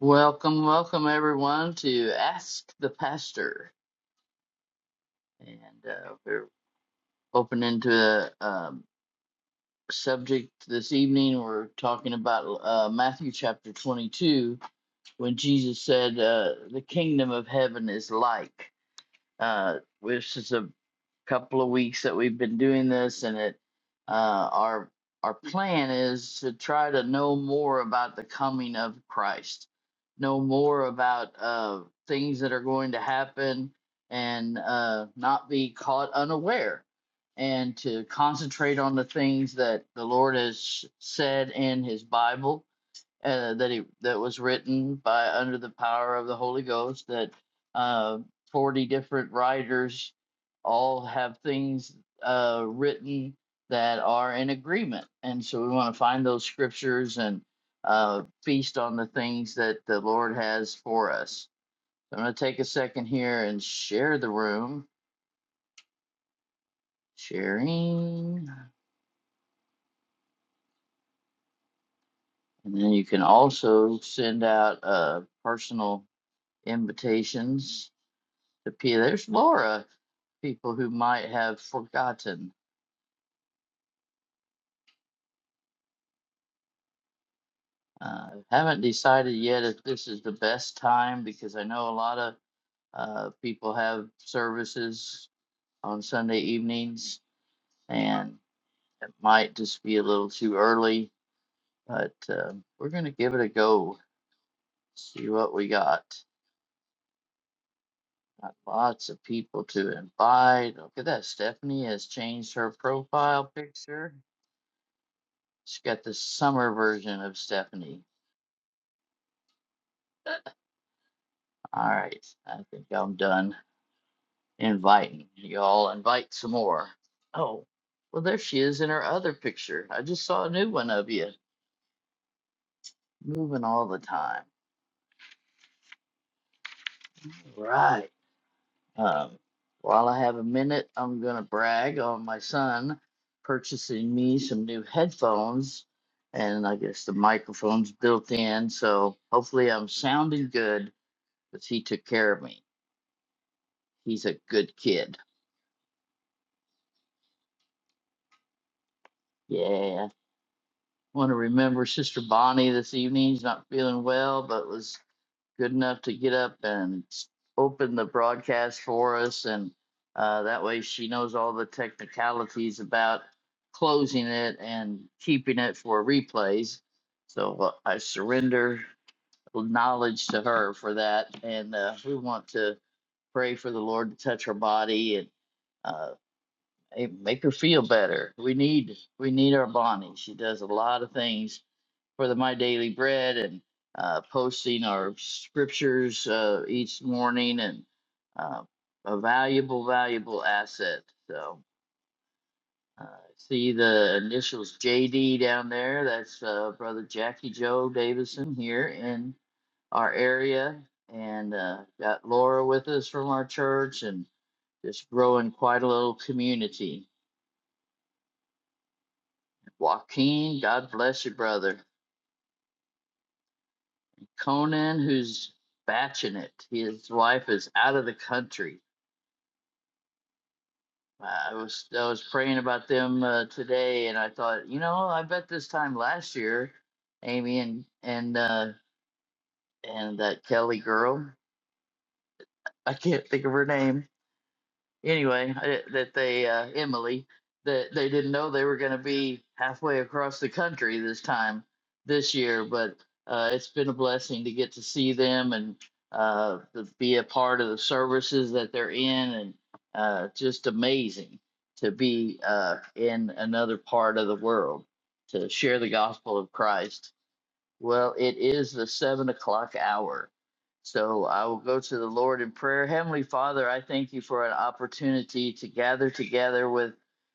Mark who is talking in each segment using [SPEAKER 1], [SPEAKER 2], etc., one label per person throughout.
[SPEAKER 1] Welcome, welcome everyone to Ask the Pastor. And uh, we're opening to a um, subject this evening. We're talking about uh, Matthew chapter 22 when Jesus said, uh, The kingdom of heaven is like. Uh, this is a couple of weeks that we've been doing this, and it uh, our our plan is to try to know more about the coming of Christ, know more about uh, things that are going to happen, and uh, not be caught unaware, and to concentrate on the things that the Lord has said in His Bible uh, that he that was written by under the power of the Holy Ghost. That uh, forty different writers all have things uh, written that are in agreement, and so we want to find those scriptures and uh, feast on the things that the Lord has for us. So I'm going to take a second here and share the room, sharing, and then you can also send out uh, personal invitations to P. There's Laura. People who might have forgotten. Uh, haven't decided yet if this is the best time because I know a lot of uh, people have services on Sunday evenings and it might just be a little too early, but um we're going to give it a go, see what we got. Got lots of people to invite. Look at that. Stephanie has changed her profile picture. She's got the summer version of Stephanie. All right, I think I'm done inviting. Y'all invite some more. Oh, well, there she is in her other picture. I just saw a new one of you moving all the time. Right. Um, while I have a minute, I'm going to brag on my son purchasing me some new headphones. And I guess the microphone's built in. So hopefully I'm sounding good because he took care of me. He's a good kid. Yeah. want to remember Sister Bonnie this evening. She's not feeling well, but was good enough to get up and open the broadcast for us. And uh, that way she knows all the technicalities about closing it and keeping it for replays. So uh, I surrender knowledge to her for that. And uh, we want to pray for the Lord to touch her body and uh, eh, make her feel better. We need we need our Bonnie. She does a lot of things for the My Daily Bread and uh, posting our scriptures uh, each morning and uh, a valuable, valuable asset. So uh, see the initials JD down there. That's uh, Brother Jackie Joe Davison here in our area. And uh, got Laura with us from our church and just growing quite a little community. Joaquin, God bless you, brother. Conan who's batching it. His wife is out of the country. I was I was praying about them uh, today, and I thought, you know, I bet this time last year, Amy and and uh, and that Kelly girl, I can't think of her name anyway, I- that they uh, Emily that they didn't know they were going to be halfway across the country this time this year, but uh, it's been a blessing to get to see them and uh, to be a part of the services that they're in, and uh, just amazing to be uh, in another part of the world to share the gospel of Christ. Well, it is the seven o'clock hour. So I will go to the Lord in prayer. Heavenly Father, I thank you for an opportunity to gather together with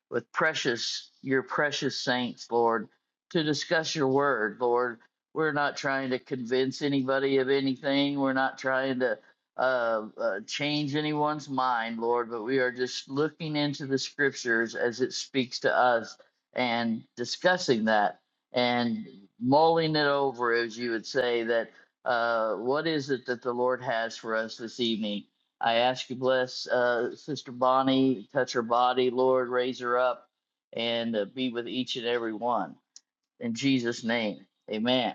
[SPEAKER 1] with precious your precious saints, Lord, to discuss your word, Lord. We're not trying to convince anybody of anything. We're not trying to uh, uh, change anyone's mind, Lord, but we are just looking into the scriptures as it speaks to us and discussing that and mulling it over, as you would say, that uh, what is it that the Lord has for us this evening? I ask you, bless uh, Sister Bonnie, touch her body, Lord, raise her up, and uh, be with each and every one. In Jesus' name, Amen.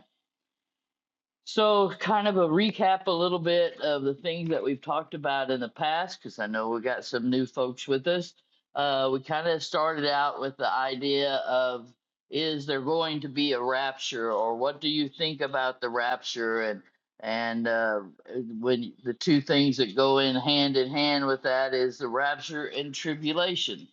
[SPEAKER 1] So, kind of a recap a little bit of the things that we've talked about in the past, because I know we got some new folks with us. Uh, we kind of started out with the idea of is there going to be a rapture, or what do you think about the rapture, and and uh, when the two things that go in hand in hand with that is the rapture and tribulation.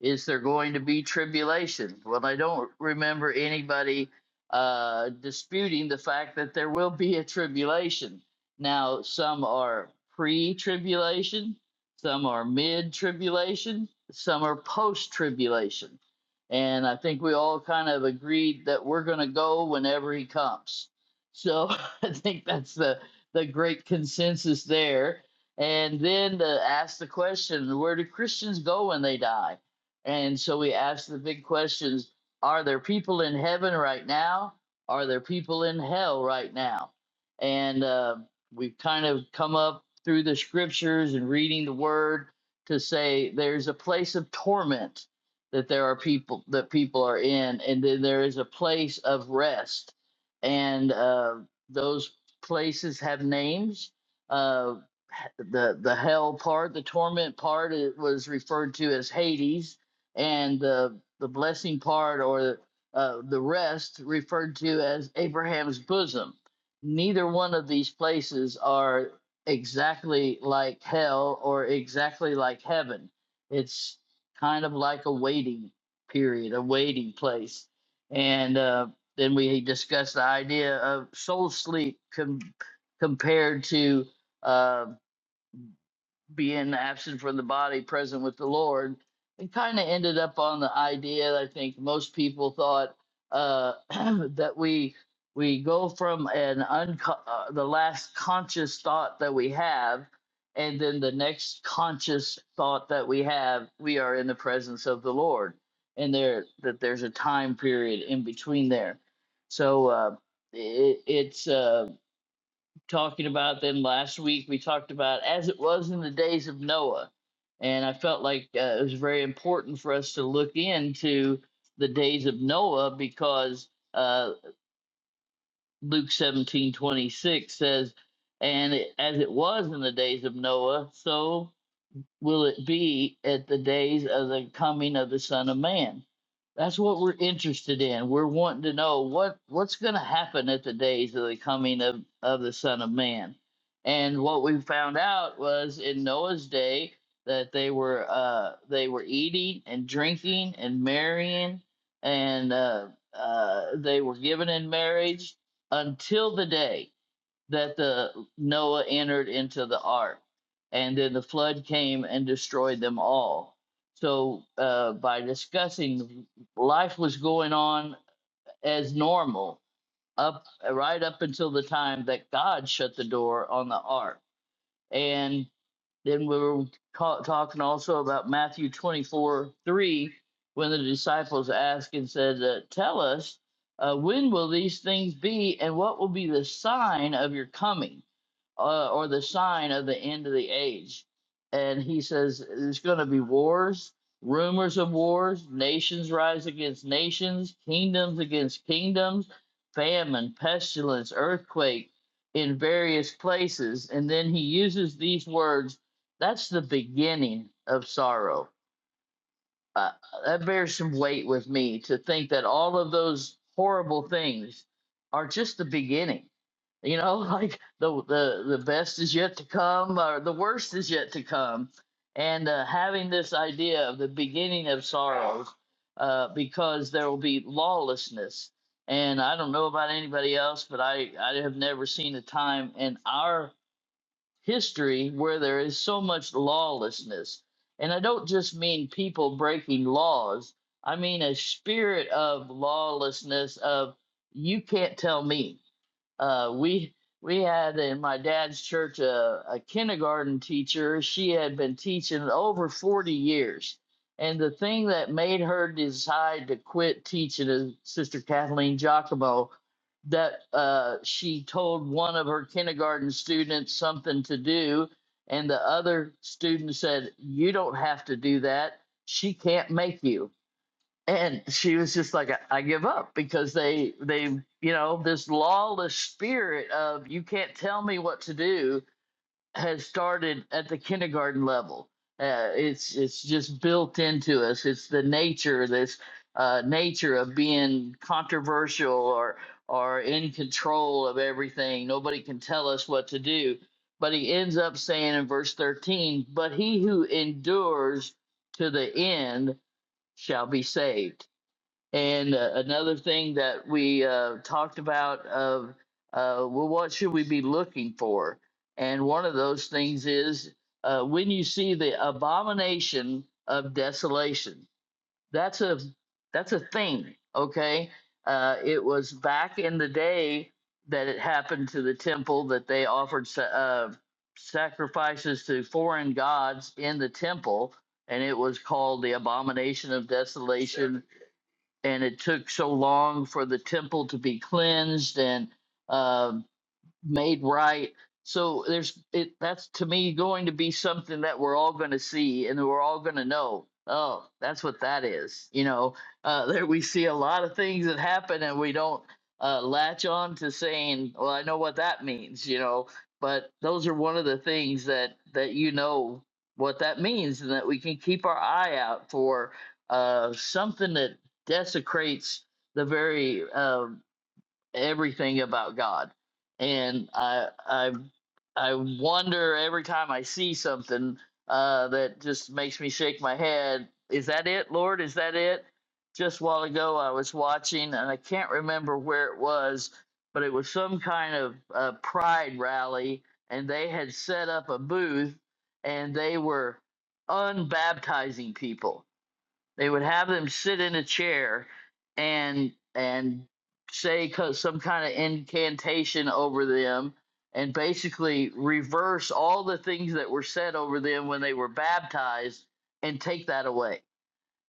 [SPEAKER 1] Is there going to be tribulation? Well, I don't remember anybody uh, disputing the fact that there will be a tribulation. Now, some are pre tribulation, some are mid tribulation, some are post tribulation. And I think we all kind of agreed that we're going to go whenever he comes. So I think that's the, the great consensus there. And then to ask the question where do Christians go when they die? And so we ask the big questions are there people in heaven right now? Are there people in hell right now? And uh, we've kind of come up through the scriptures and reading the word to say there's a place of torment that there are people that people are in, and then there is a place of rest, and uh, those places have names. Uh, the the hell part, the torment part, it was referred to as Hades, and the the blessing part or uh, the rest referred to as Abraham's bosom. Neither one of these places are exactly like hell or exactly like heaven. It's kind of like a waiting period, a waiting place, and uh, then we discussed the idea of soul sleep com- compared to uh, being absent from the body, present with the Lord, and kind of ended up on the idea that I think most people thought uh, that we we go from an unco- uh, the last conscious thought that we have, and then the next conscious thought that we have, we are in the presence of the Lord, and there that there's a time period in between there. So uh, it, it's. Uh, talking about them last week. We talked about as it was in the days of Noah, and I felt like uh, it was very important for us to look into the days of Noah because uh, Luke seventeen twenty six says, "And it, as it was in the days of Noah, so." will it be at the days of the coming of the Son of Man? That's what we're interested in. We're wanting to know what what's going to happen at the days of the coming of, of the Son of Man. And what we found out was in Noah's day that they were uh, they were eating and drinking and marrying and uh, uh, they were given in marriage until the day that the Noah entered into the ark, and then the flood came and destroyed them all. So uh, by discussing, life was going on as normal up right up until the time that God shut the door on the ark, and then we were ta- talking also about Matthew twenty four three when the disciples asked and said, uh, "Tell us." Uh, when will these things be, and what will be the sign of your coming? uh, or the sign of the end of the age. And he says there's going to be wars, rumors of wars, nations rise against nations, kingdoms against kingdoms, famine, pestilence, earthquake in various places. And then he uses these words that's the beginning of sorrow. Uh, that bears some weight with me to think that all of those horrible things are just the beginning you know, like the the the best is yet to come, or the worst is yet to come, and uh, having this idea of the beginning of sorrows, uh, because there will be lawlessness. And I don't know about anybody else, but I I have never seen a time in our history where there is so much lawlessness. And I don't just mean people breaking laws. I mean a spirit of lawlessness of you can't tell me uh, we we had in my dad's church a, a kindergarten teacher. She had been teaching over 40 years. And the thing that made her decide to quit teaching is Sister Kathleen Giacomo that uh, she told one of her kindergarten students something to do. And the other student said, You don't have to do that. She can't make you and she was just like I, I give up because they they you know this lawless spirit of you can't tell me what to do has started at the kindergarten level uh, it's it's just built into us it's the nature this uh, nature of being controversial or or in control of everything nobody can tell us what to do but he ends up saying in verse 13 but he who endures to the end shall be saved and uh, another thing that we uh, talked about of uh, well, what should we be looking for? And one of those things is uh, when you see the abomination of desolation. That's a that's a thing. Okay, uh, it was back in the day that it happened to the temple that they offered sa- uh, sacrifices to foreign gods in the temple, and it was called the abomination of desolation and it took so long for the temple to be cleansed and uh, made right. So there's it that's to me going to be something that we're all going to see and that we're all going to know. Oh, that's what that is. You know, uh, there we see a lot of things that happen and we don't uh, latch on to saying, "Well, I know what that means." You know, but those are one of the things that that you know what that means and that we can keep our eye out for uh, something that desecrates the very uh, everything about God. And I I I wonder every time I see something uh, that just makes me shake my head. Is that it, Lord? Is that it? Just a while ago, I was watching, and I can't remember where it was, but it was some kind of uh, pride rally, and they had set up a booth, and they were unbaptizing people they would have them sit in a chair and and say co- some kind of incantation over them and basically reverse all the things that were said over them when they were baptized and take that away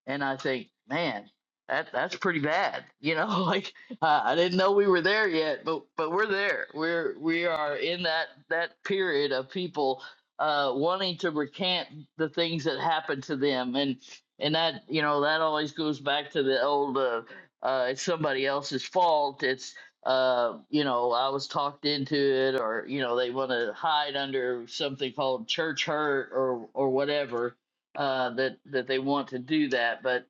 [SPEAKER 1] and I think, man, that that's pretty bad. You know, like I I didn't know we were there yet, but but we're there. We're we are in that that period of people uh, wanting to recant the things that happened to them, and and that you know that always goes back to the old uh, uh, it's somebody else's fault. It's uh you know i was talked into it or you know they want to hide under something called church hurt or or whatever uh, that that they want to do that. But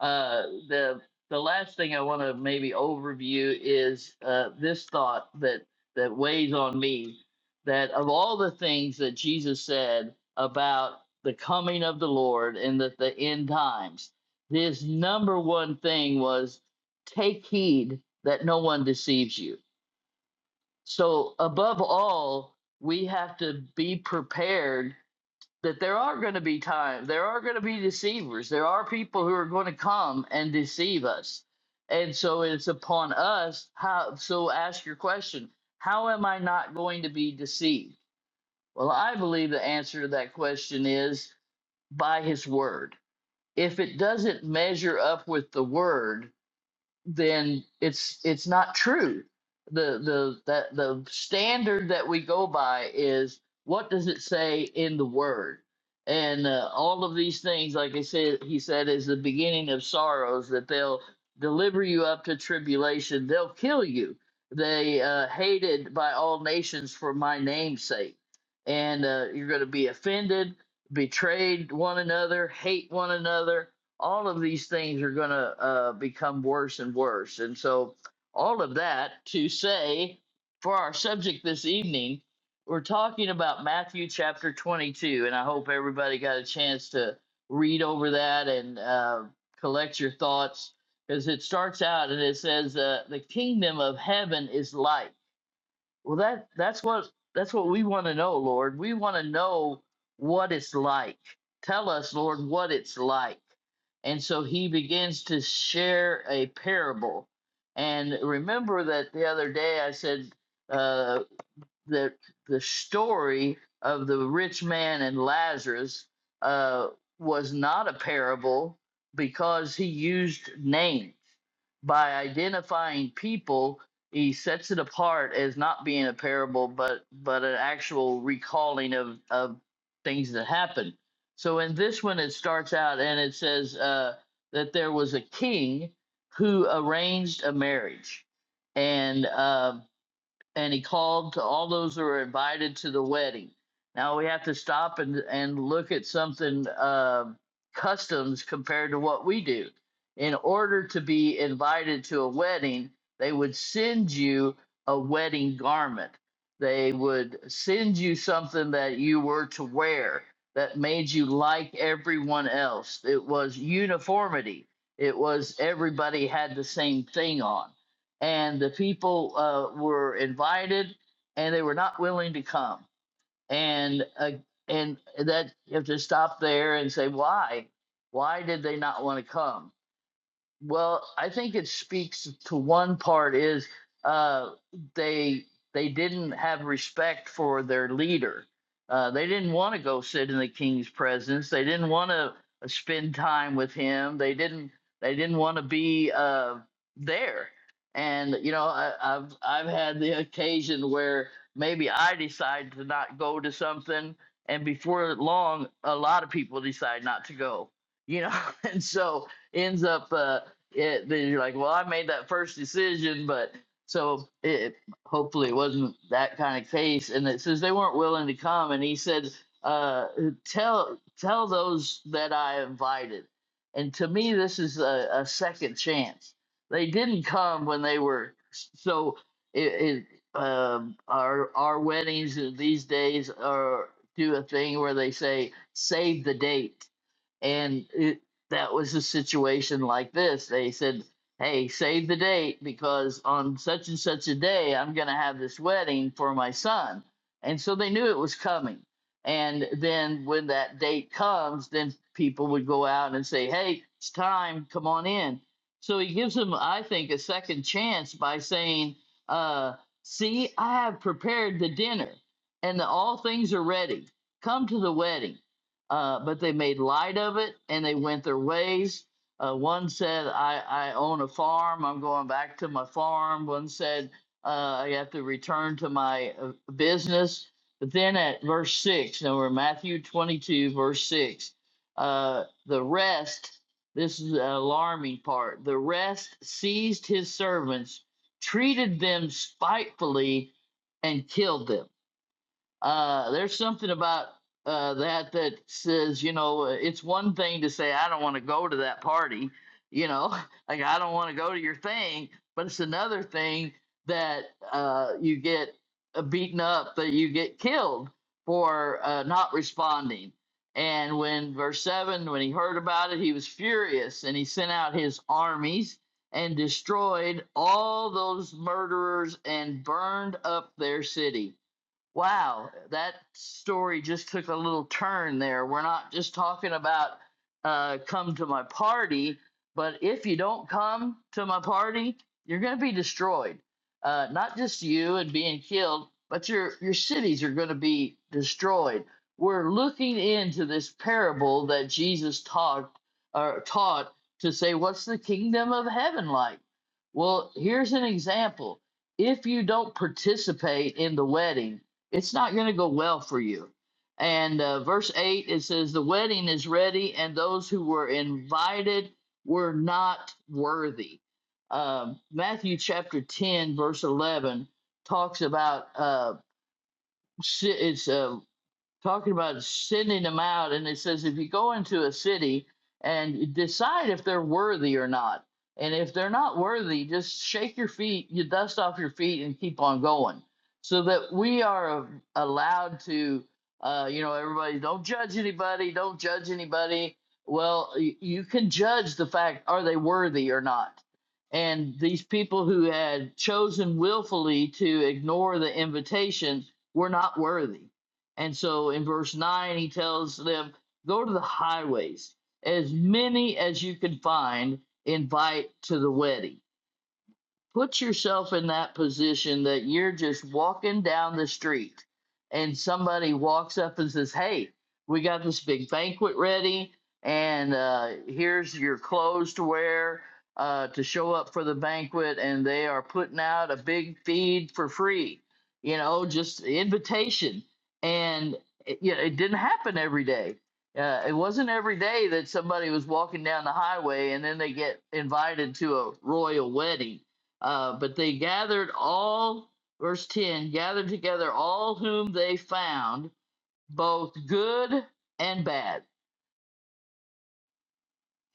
[SPEAKER 1] uh, the the last thing I want to maybe overview is uh, this thought that that weighs on me that of all the things that Jesus said about the coming of the Lord and the, the end times, his number one thing was take heed that no one deceives you. So above all, we have to be prepared that there are going to be times, there are going to be deceivers there are people who are going to come and deceive us and so it's upon us how so ask your question how am i not going to be deceived well i believe the answer to that question is by his word if it doesn't measure up with the word then it's it's not true. The the that the standard that we go by is what does it say in the Word, and uh, all of these things, like I said, he said, is the beginning of sorrows. That they'll deliver you up to tribulation. They'll kill you. They uh, hated by all nations for my name's sake, and uh, you're going to be offended, betrayed one another, hate one another all of these things are going to uh, become worse and worse. And so, all of that to say, for our subject this evening, we're talking about Matthew chapter 22. And I hope everybody got a chance to read over that and uh, collect your thoughts because it starts out and it says, uh, The kingdom of heaven is like. Well, that that's what that's what we want to know, Lord. We want to know what it's like. Tell us, Lord, what it's like. And so he begins to share a parable. And remember that the other day I said, uh, that the story of the rich man and Lazarus uh, was not a parable because he used names. By identifying people, he sets it apart as not being a parable, but but an actual recalling of of things that happened. So in this one, it starts out and it says uh, that there was a king who arranged a marriage, and. um and he called to all those who were invited to the wedding. Now we have to stop and and look at something uh, customs compared to what we do. In order to be invited to a wedding, they would send you a wedding garment. They would send you something that you were to wear that made you like everyone else. It was uniformity. It was everybody had the same thing on and the people uh, were invited and they were not willing to come and uh, and that you have to stop there and say why why did they not want to come well, I think it speaks to one part is uh, they they didn't have respect for their leader. Uh, they didn't want to go sit in the king's presence. They didn't want to spend time with him. They didn't they didn't want to be uh, there. And you know, I, I've I've had the occasion where maybe I decide to not go to something, and before long, a lot of people decide not to go. You know, and so ends up. Uh, it, then you're like, well, I made that first decision, but so it hopefully it wasn't that kind of case. And it says they weren't willing to come, and he said, uh, tell tell those that I invited. And to me, this is a, a second chance. They didn't come when they were so. It, it um, our our weddings these days are do a thing where they say save the date and it, that was a situation like this. They said, "Hey, save the date because on such and such a day, I'm going to have this wedding for my son," and so they knew it was coming. And then when that date comes, then people would go out and say, "Hey, it's time. Come on in." So he gives them, I think, a second chance by saying, uh, "See, I have prepared the dinner, and the, all things are ready. Come to the wedding." uh, but they made light of it and they went their ways. Uh, one said, I, I own a farm, I'm going back to my farm. One said, uh, I have to return to my uh, business. But then at verse 6, now we're in Matthew 22, verse 6, uh, the rest, this is the alarming part, the rest seized his servants, treated them spitefully, and killed them. Uh, there's something about uh, that that says, you know, uh, it's one thing to say, I don't want to go to that party, you know, like I don't want to go to your thing, but it's another thing that uh, you get uh, beaten up, that you get killed for uh, not responding. And when verse 7, when he heard about it, he was furious and he sent out his armies and destroyed all those murderers and burned up their city. Wow, that story just took a little turn there. We're not just talking about uh, come to my party, but if you don't come to my party, you're going to be destroyed. Uh, not just you and being killed, but your your cities are going to be destroyed. We're looking into this parable that Jesus taught or taught to say, what's the kingdom of heaven like? Well, here's an example. If you don't participate in the wedding it's not going to go well for you. And uh, verse 8, it says, The wedding is ready, and those who were invited were not worthy. Um, Matthew chapter 10, verse 11, talks about uh, si- it's uh, talking about sending them out and it says if you go into a city and decide if they're worthy or not and if they're not worthy just shake your feet you dust off your feet and keep on going so that we are allowed to uh, you know everybody don't judge anybody don't judge anybody well you can judge the fact are they worthy or not and these people who had chosen willfully to ignore the invitation were not worthy and so in verse 9, he tells them, Go to the highways, as many as you can find, invite to the wedding put yourself in that position that you're just walking down the street and somebody walks up and says, Hey, we got this big banquet ready, and uh, here's your clothes to wear uh, to show up for the banquet, and they are putting out a big feed for free, you know, just invitation. And it, you know, it didn't happen every day. Uh, it wasn't every day that somebody was walking down the highway and then they get invited to a royal wedding uh, but they gathered all, verse 10, gathered together all whom they found, both good and bad.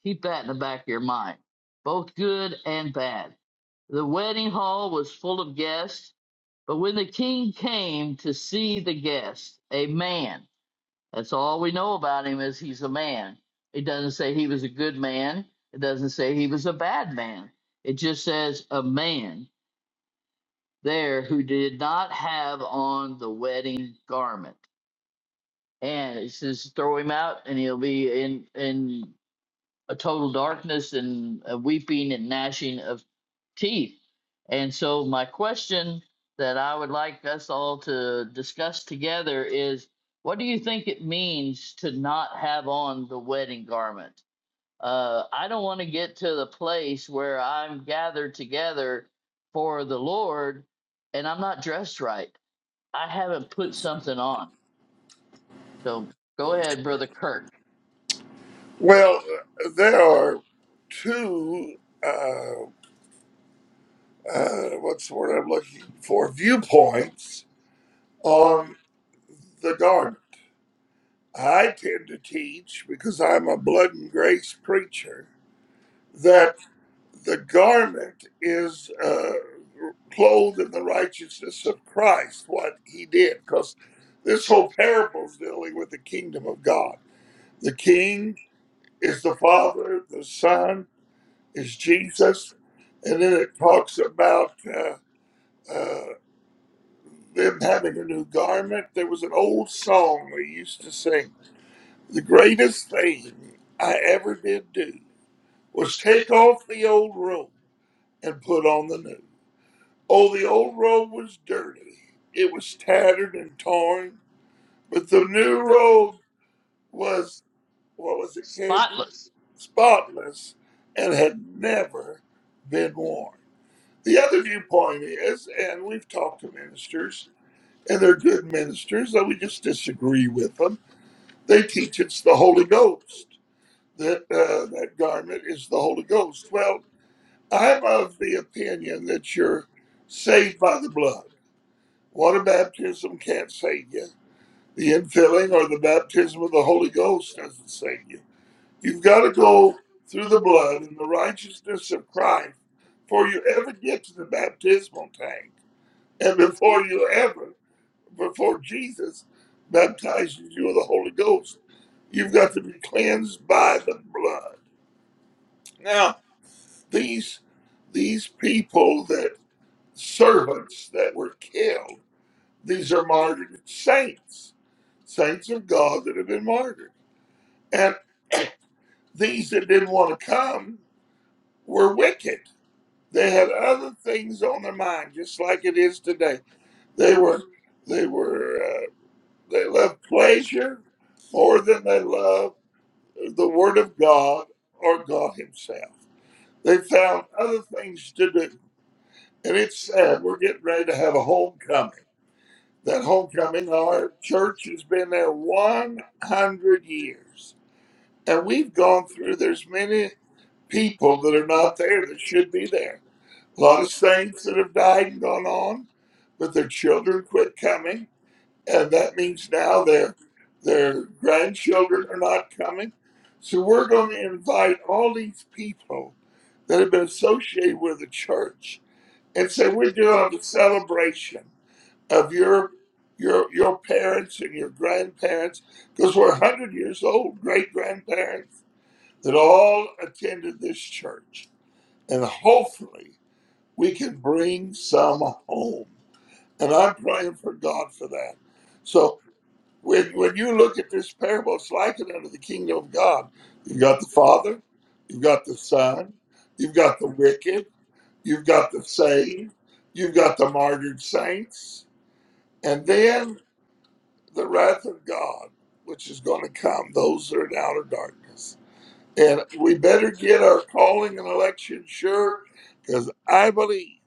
[SPEAKER 1] Keep that in the back of your mind. Both good and bad. The wedding hall was full of guests, but when the king came to see the guests, a man, that's all we know about him is he's a man. It doesn't say he was a good man. It doesn't say he was a bad man. It just says a man there who did not have on the wedding garment. And it says, throw him out, and he'll be in in a total darkness and a weeping and gnashing of teeth. And so, my question that I would like us all to discuss together is, what do you think it means to not have on the wedding garment? Uh, I don't want to get to the place where I'm gathered together for the Lord and I'm not dressed right. I haven't put something on. So go ahead, Brother Kirk.
[SPEAKER 2] Well, there are two, uh, uh, what's the word I'm looking for, viewpoints on the garment. I tend to teach, because I'm a blood and grace preacher, that the garment is uh, clothed in the righteousness of Christ, what he did, because this whole parable is dealing with the kingdom of God. The king is the Father, the Son, is Jesus. And then it talks about uh, uh, them having a new garment. There was an old song we used to sing The greatest thing I ever did do was take off the old robe and put on the new. Oh, the old robe was dirty, it was tattered and torn, but the new robe was, what was it, Candy?
[SPEAKER 1] Spotless.
[SPEAKER 2] Spotless and had never been worn. The other viewpoint is, and we've talked to ministers, and they're good ministers, though we just disagree with them. They teach it's the Holy Ghost that uh, that garment is the Holy Ghost. Well, I'm of the opinion that you're saved by the blood. Water baptism can't save you. The infilling or the baptism of the Holy Ghost doesn't save you. You've got to go through the blood and the righteousness of Christ before you ever get to the baptismal tank and before you ever, before Jesus baptizes you with the Holy Ghost, you've got to be cleansed by the blood. Now, these these people that servants that were killed, these are martyred saints, saints of God that have been martyred. And these that didn't want to come were wicked. They had other things on their mind, just like it is today. They were they were. uh, They love pleasure more than they love the Word of God or God Himself. They found other things to do. And it's sad. We're getting ready to have a homecoming. That homecoming, our church has been there 100 years. And we've gone through, there's many people that are not there that should be there. A lot of saints that have died and gone on, but their children quit coming and that means now their their grandchildren are not coming. So we're going to invite all these people that have been associated with the church and say we're doing a celebration of your your your parents and your grandparents because we're 100 years old great grandparents that all attended this church and hopefully we can bring some home and i'm praying for god for that so when when you look at this parable, it's likened unto the kingdom of God. You've got the Father, you've got the Son, you've got the wicked, you've got the saved, you've got the martyred saints, and then the wrath of God, which is going to come. Those that are in outer darkness, and we better get our calling and election sure, because I believe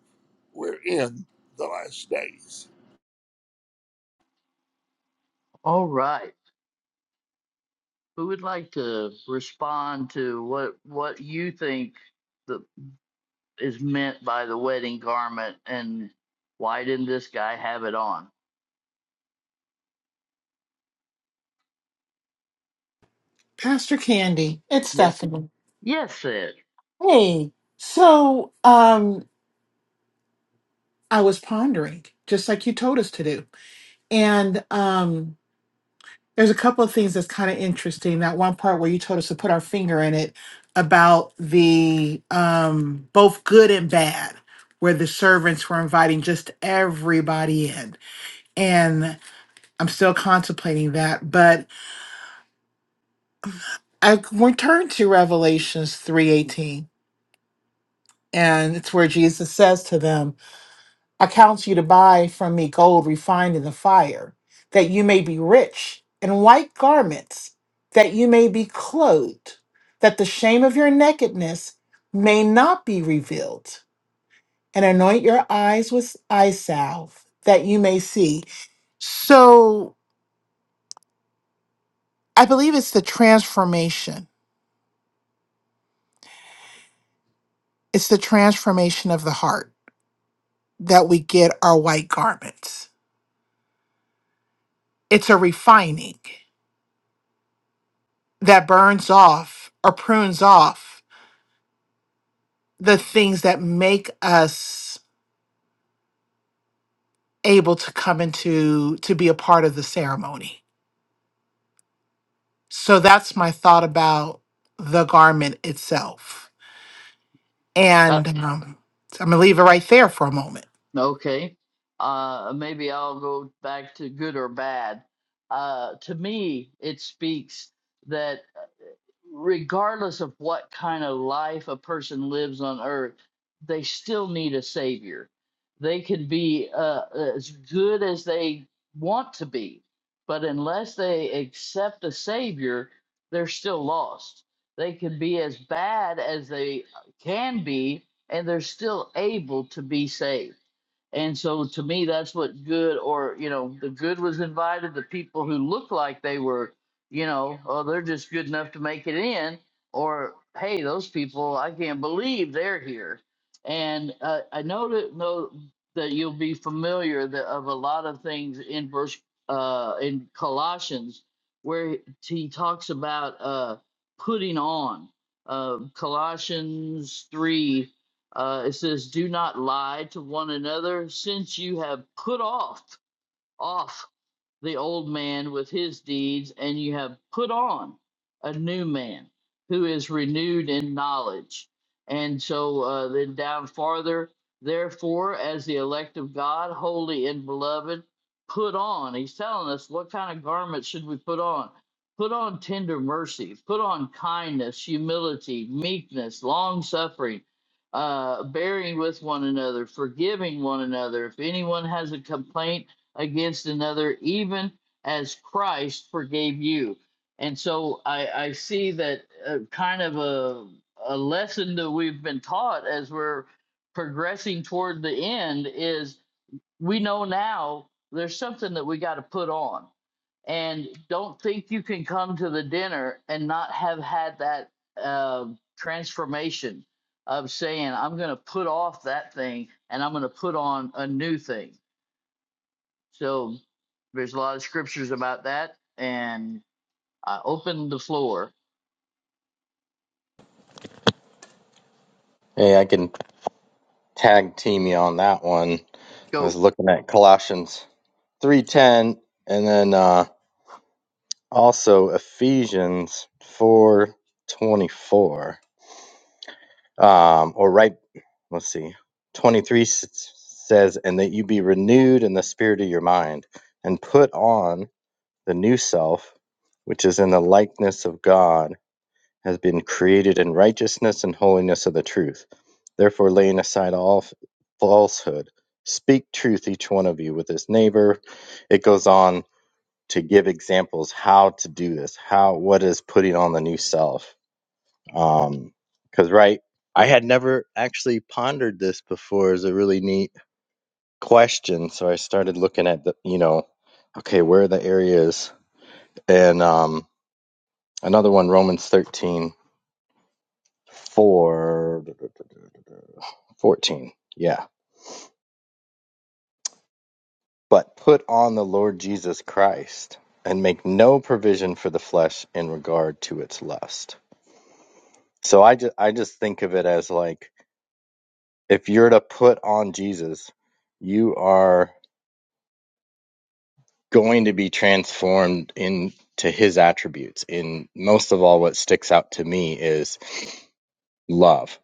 [SPEAKER 2] we're in the last days.
[SPEAKER 1] All right. Who would like to respond to what what you think the, is meant by the wedding garment and why didn't this guy have it on?
[SPEAKER 3] Pastor Candy, it's
[SPEAKER 1] Yes.
[SPEAKER 3] Stephanie.
[SPEAKER 1] Yes, said.
[SPEAKER 3] Hey, so um, I was pondering, just like you told us to do, and um, there's a couple of things that's kind of interesting. That one part where you told us to put our finger in it about the um, both good and bad, where the servants were inviting just everybody in, and I'm still contemplating that. But I returned to Revelations three eighteen, and it's where Jesus says to them. I counsel you to buy from me gold refined in the fire, that you may be rich, and white garments, that you may be clothed, that the shame of your nakedness may not be revealed, and anoint your eyes with eye salve, that you may see. So I believe it's the transformation. It's the transformation of the heart that we get our white garments. It's a refining that burns off or prunes off the things that make us able to come into to be a part of the ceremony. So that's my thought about the garment itself.
[SPEAKER 1] Uh,
[SPEAKER 3] And um, I'm going to leave it right there for a moment.
[SPEAKER 1] okay. Uh, maybe I'll go back to good or bad. Uh, to me, it speaks that. regardless of what kind of life a person lives on earth, they still need a savior. They can be uh, as good as they want to be, but unless they accept a savior, they're still lost. They can be as bad as they can be, and they're still able to be saved. And so to me, that's what good or, you know, the good was invited, the people who looked like they were, you know, oh, they're just good enough to make it in, or hey, those people, I can't believe they're here. And uh, I know that, know that you'll be familiar that of a lot of things in verse uh, in Colossians where he talks about uh, putting on. Uh, Colossians 3 uh, it says, "Do not lie to one another, since you have put off off the old man with his deeds, and you have put on a new man who is renewed in knowledge. And so uh, then down farther, therefore, as the elect of God, holy and beloved, put on. He's telling us what kind of garment should we put on? Put on tender mercy, put on kindness, humility, meekness, long suffering, uh, bearing with one another, forgiving one another. If anyone has a complaint, against another, even as Christ forgave you. And so I, I see that uh, kind of a, a lesson that we've been taught as we're progressing toward the end is we know now there's something that we got to put on. And don't think you can come to the dinner and not have had that uh, transformation of saying, I'm going to put off that thing and I'm going to put on a new thing so there's a lot of scriptures about that, and I open the floor.
[SPEAKER 4] Hey, I can tag team you on that one. I was
[SPEAKER 1] Go.
[SPEAKER 4] looking at Colossians 3:10 and then uh also Ephesians 4:24. Um or right, let's see. 23 s- says and that you be renewed in the spirit of your mind and put on the new self which is in the likeness of God has been created in righteousness and holiness of the truth. Therefore, laying aside all f- falsehood, speak truth, each one of you, with his neighbor. It goes on to give examples how to do this, how what is putting on the new self. Um, Because, right, I had never actually pondered this before Is a really neat question. So I started looking at the, you know, okay, where are the areas? And um, another one, Romans 13. for 14. Yeah. But put on the Lord Jesus Christ and make no provision for the flesh in regard to its lust. So I just I just think of it as like if you're to put on Jesus, you are going to be transformed into his attributes. And most of all what sticks out to me is love.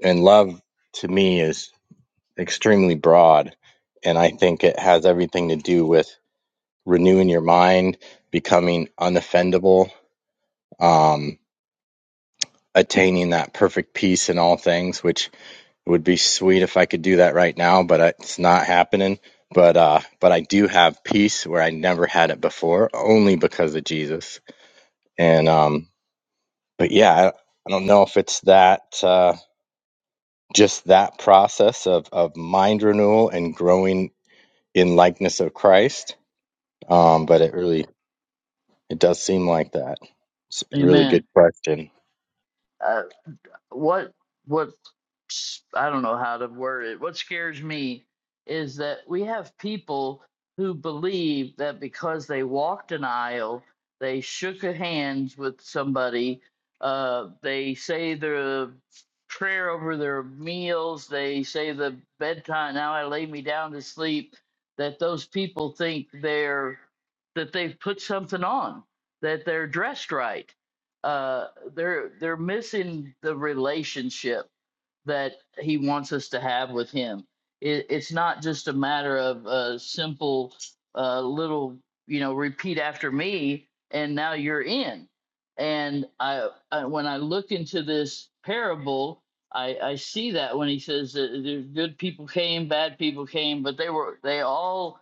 [SPEAKER 4] And love to me is extremely broad. And I think it has everything to do with renewing your mind, becoming unoffendable, um, attaining that perfect peace in all things, which would be sweet if I could do that right now, but it's not happening. But uh, but I do have peace where I never had it before, only because of Jesus. And um, but yeah, I, I don't know if it's that uh, just that process of of mind renewal and growing in likeness of Christ Um, but it really it does seem like that. It's a really good
[SPEAKER 1] Amen.
[SPEAKER 4] question.
[SPEAKER 1] Uh, what what s- I don't know how to word it. What scares me is that we have people who believe that because they walked an aisle, they shook a hands with somebody, uh, they say the prayer over their meals, they say the bedtime. Now I lay me down to sleep. That those people think they're that they've put something on, that they're dressed right uh, they're they're missing the relationship that he wants us to have with him. It, it's not just a matter of a simple uh, little, you know, repeat after me, and now you're in. And I, I when I look into this parable, I, I see that when he says that good people came, bad people came, but they were they all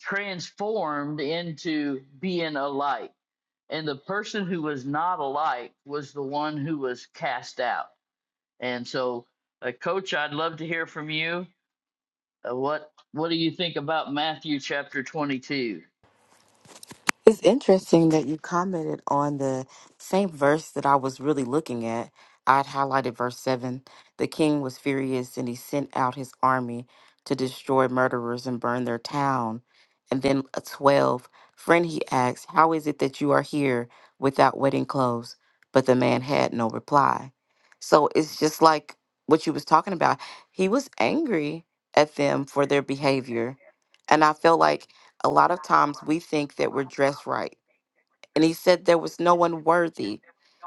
[SPEAKER 1] transformed into being alike and the person who was not alike was the one who was cast out. And so, uh, Coach, I'd love to hear from you. Uh, what What do you think about Matthew chapter twenty two?
[SPEAKER 5] It's interesting that you commented on the same verse that I was really looking at. I'd highlighted verse 7. The king was furious and he sent out his army to destroy murderers and burn their town. And then uh, 12. Friend, he asked, How is it that you are here without wedding clothes? But the man had no reply. So it's just like what you was talking about. He was angry at them for their behavior. And I feel like a lot of times we think that we're dressed right. And he said there was no one worthy.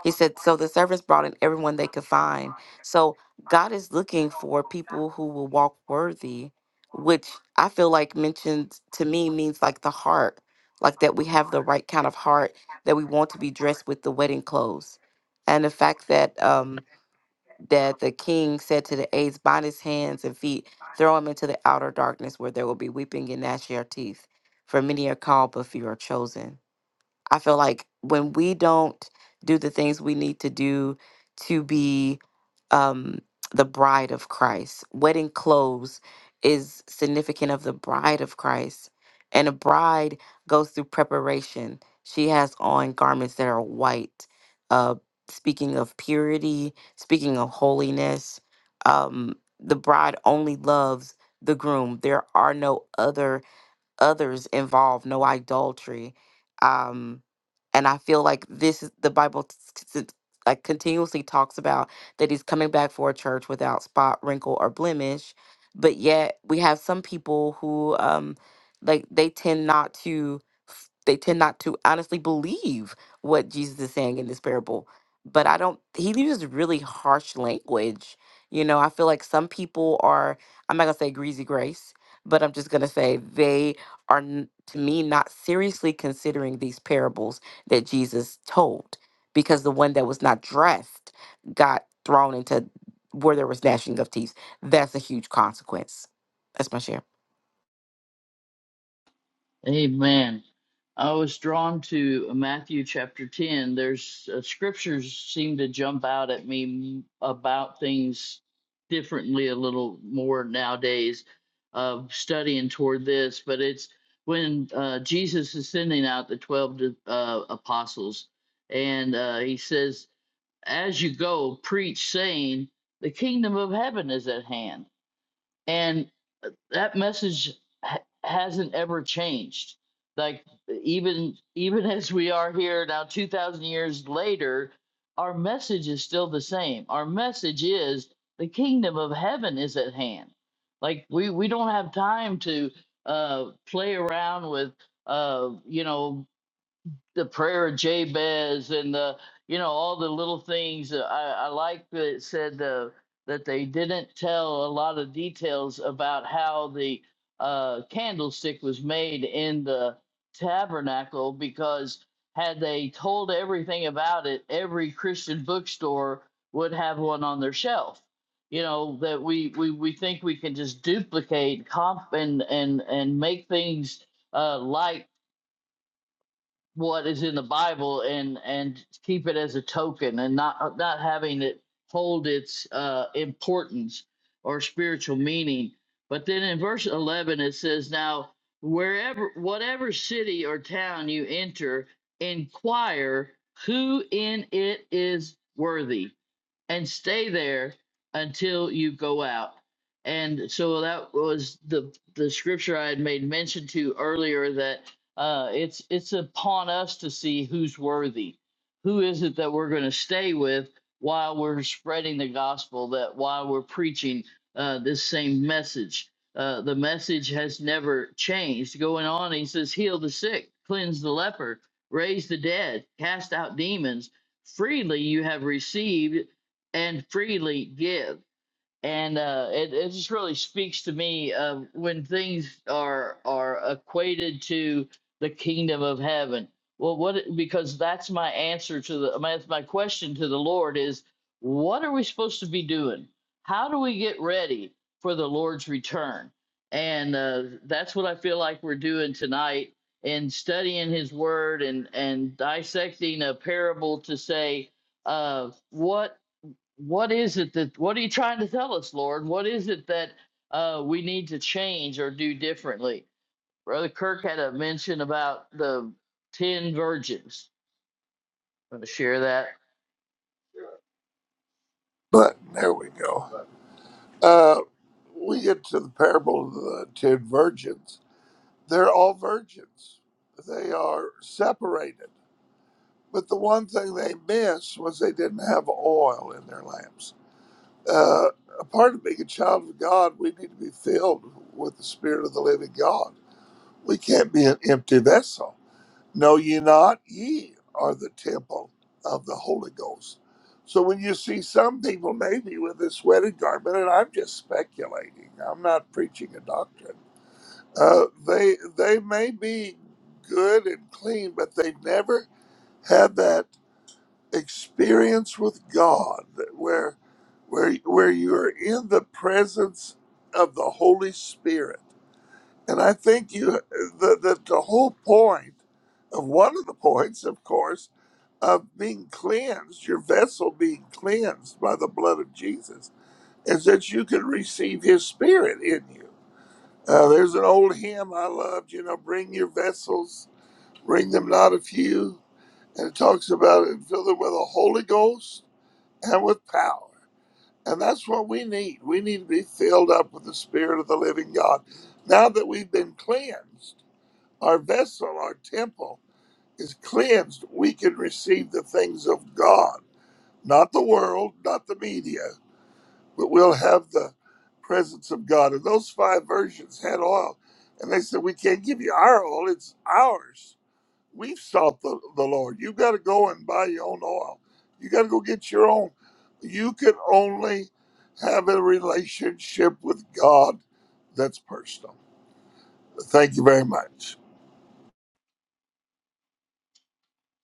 [SPEAKER 5] He said, so the servants brought in everyone they could find. So God is looking for people who will walk worthy, which I feel like mentioned to me means like the heart, like that we have the right kind of heart, that we want to be dressed with the wedding clothes. And the fact that, um, that the king said to the aides, Bind his hands and feet, throw him into the outer darkness where there will be weeping and gnashing of teeth. For many are called, but few are chosen. I feel like when we don't do the things we need to do to be um, the bride of Christ. Wedding clothes is significant of the bride of Christ. And a bride goes through preparation. She has on garments that are white, uh, speaking of purity, speaking of holiness. Um, the bride only loves the groom. There are no other others involved, no idolatry. Um, and I feel like this is the Bible t- t- t- like continuously talks about that he's coming back for a church without spot, wrinkle, or blemish. But yet we have some people who um like they tend not to f- they tend not to honestly believe what Jesus is saying in this parable. But I don't he uses really harsh language. You know, I feel like some people are I'm not gonna say greasy grace, but I'm just gonna say they are n- to me not seriously considering these parables that Jesus told because the one that was not dressed got thrown into where there was gnashing of teeth. That's a huge consequence. That's my share.
[SPEAKER 1] Amen. I was drawn to Matthew chapter 10. There's uh, scriptures seem to jump out at me about things differently a little more nowadays of studying toward this, but it's when uh, Jesus is sending out the 12 di- uh, apostles and uh, he says, As you go, preach, saying, The kingdom of heaven is at hand. and that message ha- hasn't ever changed like even even as we are here now 2000 years later our message is still the same our message is the kingdom of heaven is at hand like we we don't have time to uh play around with uh you know the prayer of Jabez and the you know all the little things. Uh, I, I like that it said uh, that they didn't tell a lot of details about how the uh, candlestick was made in the tabernacle because had they told everything about it, every Christian bookstore would have one on their shelf. You know that we we, we think we can just duplicate comp and and and make things uh, like what is in the Bible and and keep it as a token and not not having it hold its uh, importance or spiritual meaning. But then in verse eleven it says, "Now wherever whatever city or town you enter, inquire who in it is worthy." and stay there until you go out. And so that was the the scripture I had made mention to earlier that uh, it's it's upon us to see who's worthy. Who is it that we're going to stay with while we're spreading the gospel? That while we're preaching uh, this same message, uh, the message has never changed. Going on, he says, heal the sick, cleanse the leper, raise the dead, cast out demons freely you have received and freely give. And uh, it, it just really speaks to me of when things are are equated to the kingdom of heaven. Well, what because that's my answer to the my, my question to the Lord is, what are we supposed to be doing? How do we get ready for the Lord's return? And uh, that's what I feel like we're doing tonight in studying His Word and and dissecting a parable to say, uh, what what is it that what are you trying to tell us lord what is it that uh, we need to change or do differently brother kirk had a mention about the 10 virgins i'm going to share that
[SPEAKER 2] But there we go. Uh, we get to the parable of the ten virgins. They're all virgins. They are separated. But the one thing they missed was they didn't have oil in their lamps. Uh, a part of being a child of God, we need to be filled with the Spirit of the living God. We can't be an empty vessel Know ye not, ye are the temple of the Holy Ghost. So when you see some people maybe with a sweated garment, and I'm just speculating, I'm not preaching a doctrine. Uh, they they may be good and clean, but they've never had that experience with God where where where you're in the presence of the Holy Spirit. And I think you the, the, the whole point of one of the points, of course, of being cleansed, your vessel being cleansed by the blood of Jesus, is that you can receive his spirit in you. Uh, there's an old hymn I loved, you know, bring your vessels, bring them not a few. And it talks about it, fill them with the Holy Ghost and with power. And that's what we need. We need to be filled up with the Spirit of the living God. Now that we've been cleansed, our vessel, our temple is cleansed, we can receive the things of God not the world, not the media, but we'll have the presence of God. And those five versions had oil. And they said, We can't give you our oil, it's ours. We've sought the, the Lord. You've got to go and buy your own oil. You got to go get your own. You can only have a relationship with God that's personal. Thank you very much.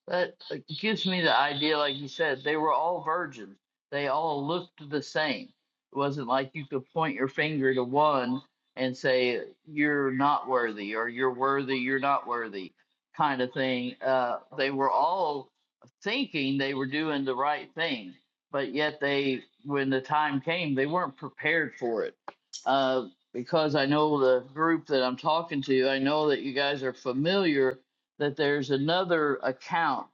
[SPEAKER 1] That like, gives me the idea, like you said, they were all virgins. They all looked the same. It wasn't like you could point your finger to one and say, you're not worthy, or you're worthy, you're not worthy, kind of thing. Uh, they were all thinking they were doing the right thing, but yet they, when the time came, they weren't prepared for it. Uh, because I know the group that I'm talking to, I know that you guys are familiar that there's another account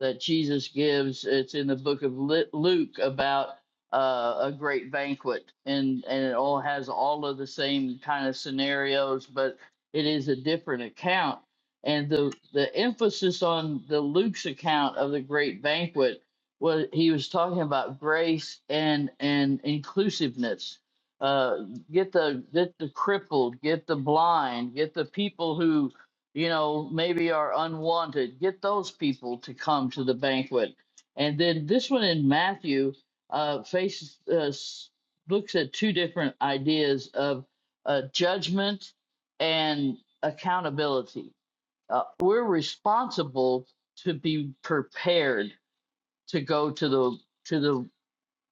[SPEAKER 1] that Jesus gives. It's in the book of Luke about uh, a great banquet, and and it all has all of the same kind of scenarios, but it is a different account. And the the emphasis on the Luke's account of the great banquet was he was talking about grace and and inclusiveness. Uh, get the get the crippled, get the blind, get the people who you know, maybe are unwanted. Get those people to come to the banquet. And then this one in Matthew uh, faces uh, s- looks at two different ideas of uh, judgment and accountability. Uh, we're responsible to be prepared to go to the to the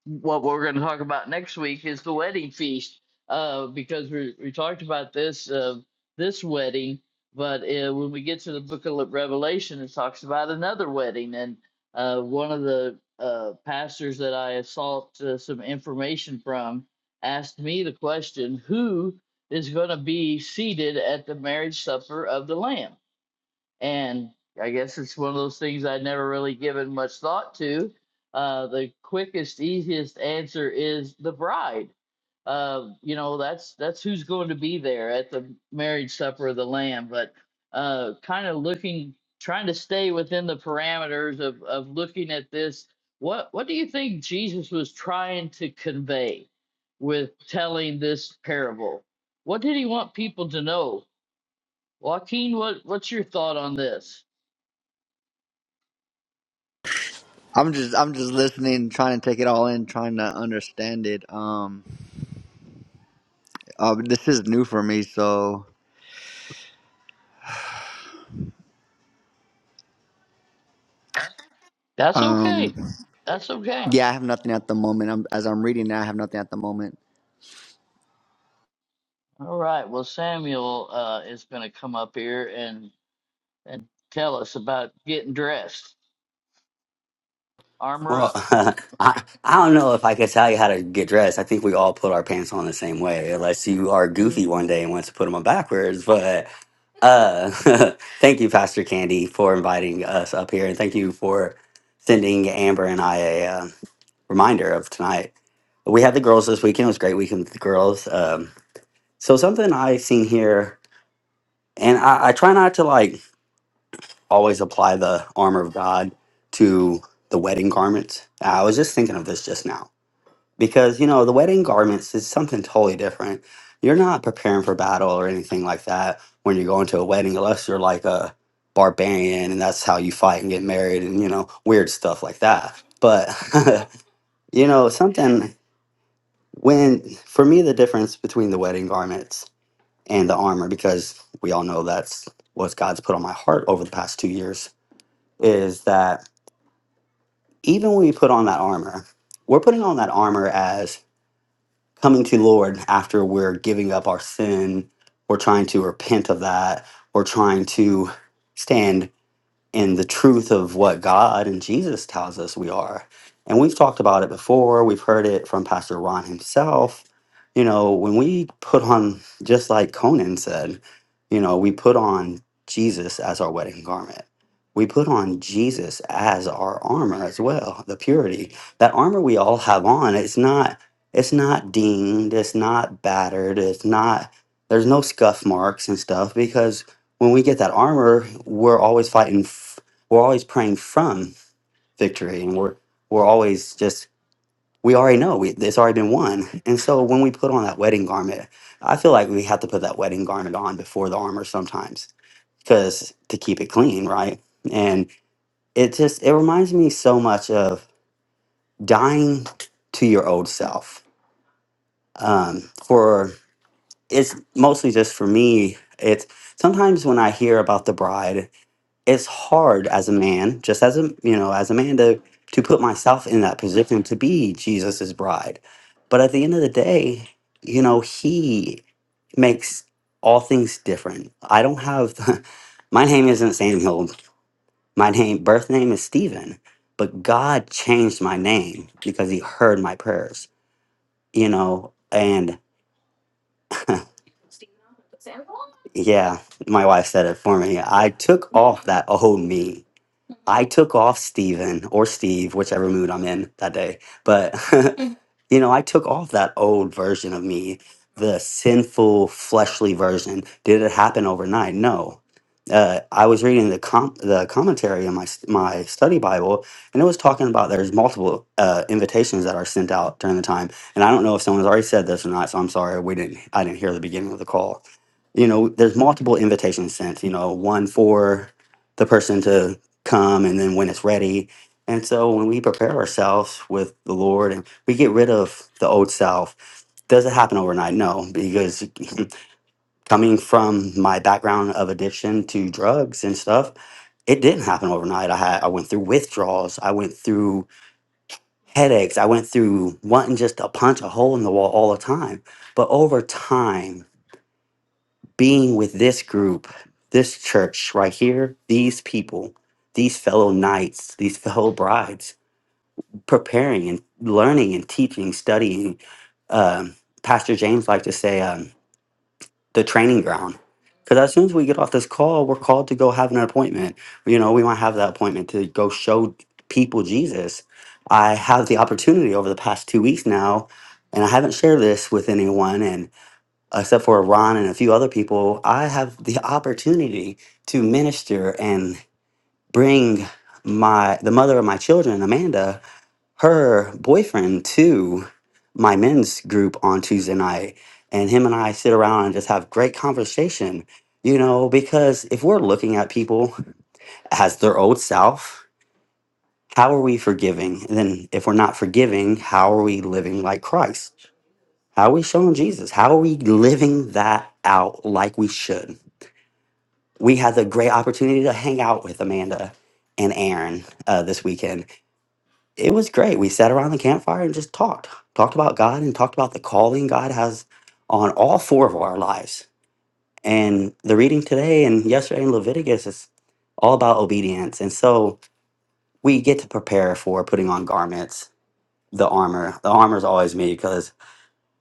[SPEAKER 1] what we're going to talk about next week is the wedding feast uh, because we, we talked about this uh, this wedding but uh, when we get to the book of revelation it talks about another wedding and uh, one of the uh, pastors that i sought uh, some information from asked me the question who is going to be seated at the marriage supper of the lamb and I guess it's one of those things I'd never really given much thought to. Uh, the quickest, easiest answer is the bride. Uh, you know, that's that's who's going to be there at the marriage supper of the Lamb. But uh, kind of looking, trying to stay within the parameters of of looking at this. What what do you think Jesus was trying to convey with telling this parable? What did he want people to know? Joaquin, what what's your thought on this?
[SPEAKER 6] I'm just I'm just listening, trying to take it all in, trying to understand it. Um, uh, this is new for me, so
[SPEAKER 1] That's okay.
[SPEAKER 6] um,
[SPEAKER 1] That's okay.
[SPEAKER 6] yeah, I have nothing at the moment. I'm, as I'm reading it, I have nothing at the moment.
[SPEAKER 1] All right. Well, Samuel uh, is going to come up here and and tell us about getting dressed, armor
[SPEAKER 7] Well,
[SPEAKER 1] up.
[SPEAKER 7] I, I don't know if I could tell you how to get dressed. I think we all put our pants on the same way, unless you are
[SPEAKER 1] Mhm.
[SPEAKER 7] goofy one day and wants to put them on backwards. But uh, thank you, Pastor Candy, for inviting us up here. And thank you for sending Amber and I a uh, reminder of tonight. We had the girls this weekend. It was a great weekend with the girls. Um, so, something I've seen here, and I, I try not to like always apply the armor of God to the wedding garments. I was just thinking of this just now because you know the wedding garments is something totally different you're not preparing for battle or anything like that when you're going to a wedding unless you're like a barbarian and that's how you fight and get married and you know weird stuff like that but you know something when for me the difference between the wedding garments and the armor because we all know that's what god's put on my heart over the past two years is that even when we put on that armor we're putting on that armor as coming to Lord after we're giving up our sin, we're trying to repent of that, we're trying to stand in the truth of what God and Jesus tells us we are. And we've talked about it before. We've heard it from Pastor Ron himself. You know, when we put on, just like Conan said, you know, we put on Jesus as our wedding garment. We put on Jesus as our armor as well, the purity. That armor we all have on, it's not it's not dinged, it's not battered, it's not there's no scuff marks and stuff because when we get that armor, we're always fighting. F- we're always praying from victory, and we're we're always just we already know we, it's already been won. And so when we put on that wedding garment, I feel like we have to put that wedding garment on before the armor sometimes, because to keep it clean, right? And it just it reminds me so much of dying to your old self. Um, for it's mostly just for me. It's sometimes when I hear about the bride it's hard as a man, just as a you know, as a man to to put myself in that position to be Jesus's bride. But at the end of the day, you know, he makes all things different. I don't have the, my name isn't Samuel. My name birth name is Stephen. But God changed my name because he heard my prayers, you know, and yeah, my wife said it for me. I took off that old me. I took off Steven or Steve, whichever mood I'm in that day. But, you know, I took off that old version of me, the sinful, fleshly version. Did it happen overnight? No. Uh, I was reading the com- the commentary in my s- my study Bible, and it was talking about there's multiple uh, invitations that are sent out during the time and I don't know if someone's already said this or not, so I'm sorry we didn't I didn't hear the beginning of the call. You know, there's multiple invitations sent, you know, one for the person to come and then when it's ready. And so when we prepare ourselves with the Lord and we get rid of the old self, does it happen overnight? No, because coming from my background of addiction to drugs and stuff, it didn't happen overnight. I had I went through withdrawals. I went through headaches. I went through wanting just to punch a hole in the wall all the time. But over time, being with this group, this church right here, these people, these fellow knights, these fellow brides, preparing and learning and teaching, studying. Um, Pastor James liked to say. um, the training ground. Because as soon as we get off this call, we're called to go have an appointment. You know, we might have that appointment to go show people Jesus. I have the opportunity over the past two weeks now, and I haven't shared this with anyone, and except for Ron and a few other people, I have the opportunity to minister and bring my the mother of my children, Amanda, her boyfriend to my men's group on Tuesday night, and him and I sit around and just have great conversation. You know, because if we're looking at people as their old self, how are we forgiving? And then if we're not forgiving, how are we living like Christ? How are we showing Jesus? How are we living that out like we should? We had the great opportunity to hang out with Amanda and Aaron uh, this weekend it was great. We sat around the campfire and just talked, talked about God and talked about the calling God has on all four of our lives. And the reading today and yesterday in Leviticus is all about obedience. And so we get to prepare for putting on garments, the armor. The armor is always me because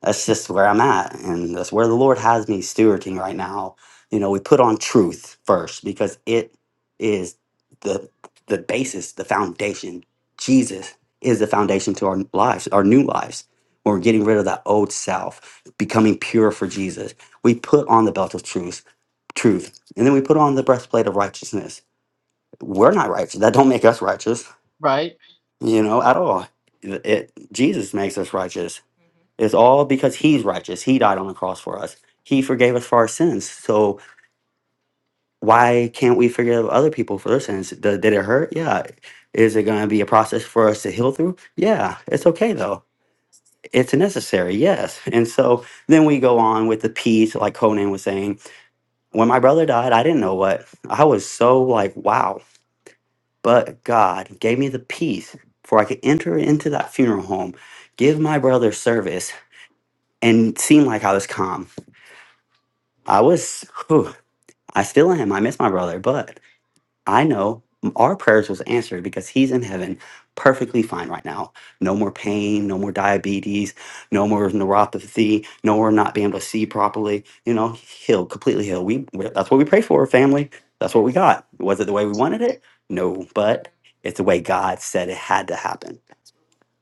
[SPEAKER 7] that's just where I'm at, and that's where the Lord has me stewarding right now. You know, we put on truth first because it is the the basis, the foundation. Jesus is the foundation to our lives, our new lives. When we're getting rid of that old self, becoming pure for Jesus, we put on the belt of truth, truth, and then we put on the breastplate of righteousness. We're not righteous. That don't make us righteous
[SPEAKER 1] Right?
[SPEAKER 7] you know, at all. It, Jesus makes us righteous. It's all because he's righteous. He died on the cross for us. He forgave us for our sins. So why can't we forgive other people for their sins? Th- Did it hurt? Yeah. Is it going to be a process for us to heal through? Yeah. It's okay though. It's necessary. Yes. And so then we go on with the peace, like Conan was saying. When my brother died, I didn't know what. I was so like, wow. But God gave me the peace for I could enter into that funeral home, give my brother service, and seem like I was calm. I was, whew, I still am. I miss my brother, but I know our prayers was answered because he's in heaven perfectly fine right now. No more pain, no more diabetes, no more neuropathy, no more not being able to see properly, you know, healed, completely healed. We we- that's what we pray for, family. That's what we got. Was it the way we wanted it? No, but it's the way God said it had to happen.